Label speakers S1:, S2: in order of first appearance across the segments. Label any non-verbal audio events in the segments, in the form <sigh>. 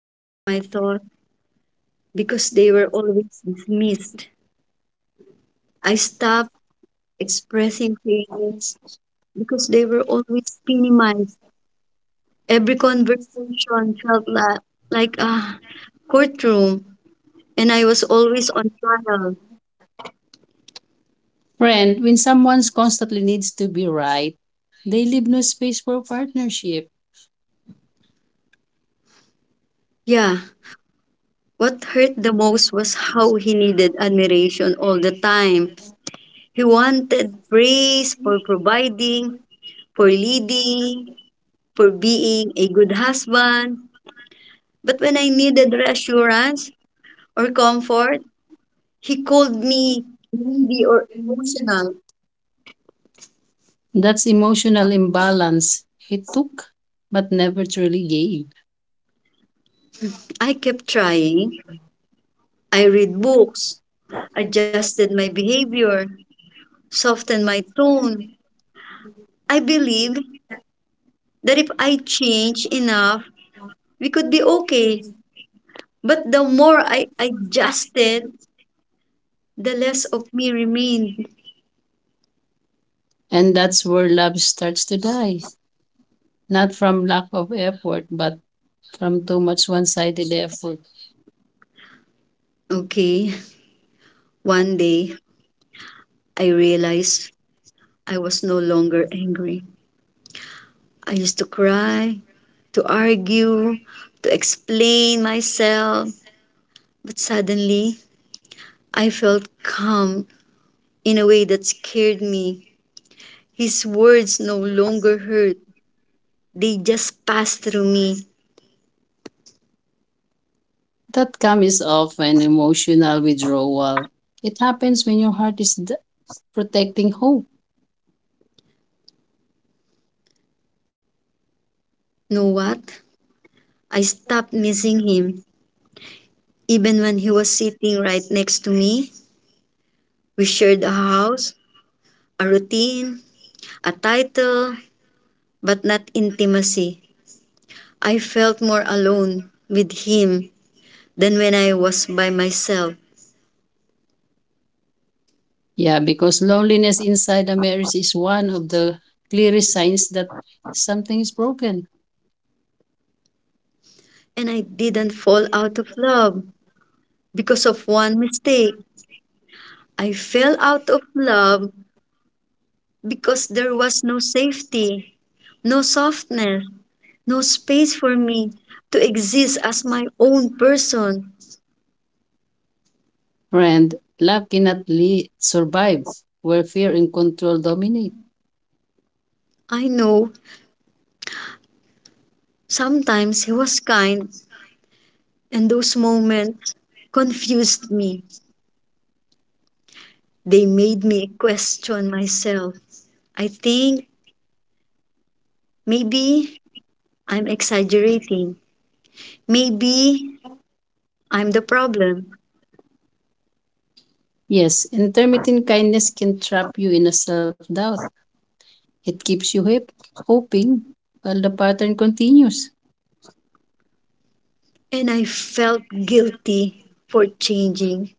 S1: sharing my thoughts because they were always dismissed. I stopped expressing feelings because they were always minimized. Every conversation felt like a courtroom, and I was always on trial.
S2: Friend, when someone constantly needs to be right, they leave no space for partnership.
S1: Yeah. What hurt the most was how he needed admiration all the time. He wanted praise for providing, for leading, for being a good husband. But when I needed reassurance or comfort, he called me needy or emotional.
S2: That's emotional imbalance. It took, but never truly gave.
S1: I kept trying. I read books, adjusted my behavior, softened my tone. I believed that if I change enough, we could be okay. But the more I adjusted, the less of me remained.
S2: And that's where love starts to die. Not from lack of effort, but from too much one sided effort.
S1: Okay, one day I realized I was no longer angry. I used to cry, to argue, to explain myself, but suddenly I felt calm in a way that scared me. His words no longer hurt, they just passed through me.
S2: That comes often emotional withdrawal. It happens when your protecting hope.
S1: Know what? I stopped missing him. Even when he was sitting right next to me, we shared a house, a routine, a title, but not intimacy. I felt more alone with him than when I was by myself.
S2: Yeah, because loneliness inside a marriage is one of the clearest signs that something is broken.
S1: And I didn't fall out of love because of one mistake. I fell out of love because there was no safety, no softness, no space for me to exist as my own person.
S2: Friend, love cannot survive where fear and control dominate.
S1: I know sometimes he was kind, and those moments confused me. They made me question myself. I think maybe I'm exaggerating. Maybe I'm the problem.
S2: Yes, intermittent kindness can trap you in a self doubt. It keeps you hip, hoping while the pattern continues.
S1: And I felt guilty for changing,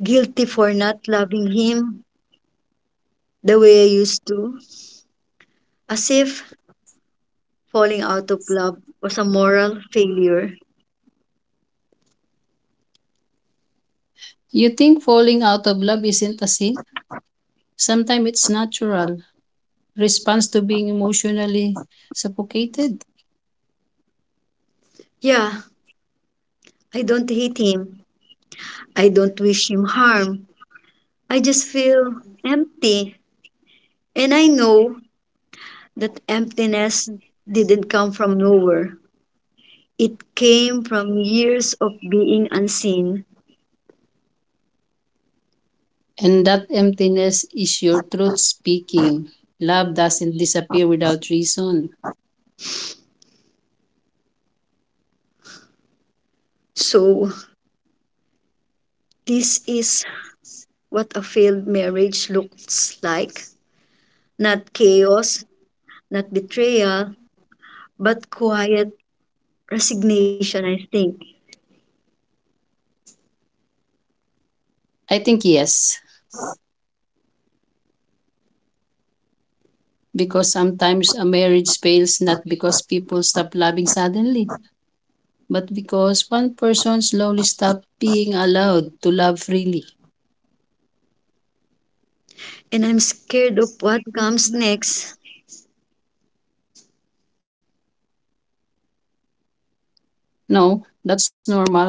S1: guilty for not loving him the way I used to, as if falling out of love was a moral failure.
S2: You think falling out of love isn't a sin. Sometimes it's natural response to being emotionally suffocated.
S1: Yeah, I don't hate him. I don't wish him harm. I just feel empty. And I know that emptiness didn't come from nowhere. It came from years of being unseen.
S2: And that emptiness is your truth speaking. Love doesn't disappear without reason.
S1: So, this is what a failed marriage looks like. Not chaos, not betrayal, but quiet resignation, I think.
S2: I think yes. Because sometimes a marriage fails not because people stop loving suddenly, but because one person slowly stops being allowed to love freely.
S1: And I'm scared of what comes next.
S2: No, that's normal.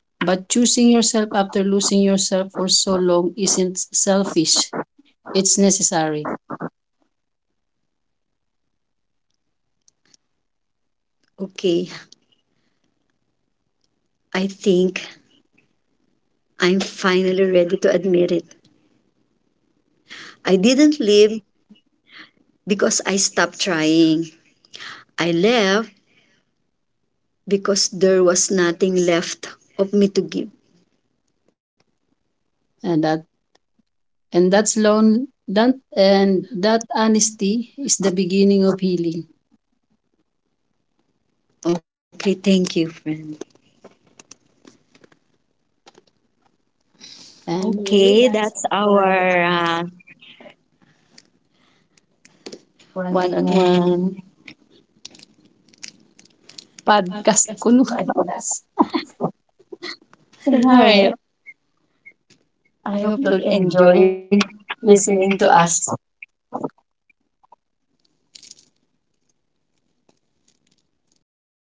S2: But choosing yourself after losing yourself for so long isn't selfish. It's necessary.
S1: Okay, I think I'm finally ready to admit it. I didn't leave because I stopped trying. I left because there was nothing left of me to give.
S2: And that and that's lone that and that honesty is the beginning of healing.
S1: Okay, thank you, friend.
S2: And
S1: Okay, that's our one-on-one
S2: podcast ko
S1: podcast.
S2: no.
S1: <laughs> Scenario. I hope you'll enjoy listening to us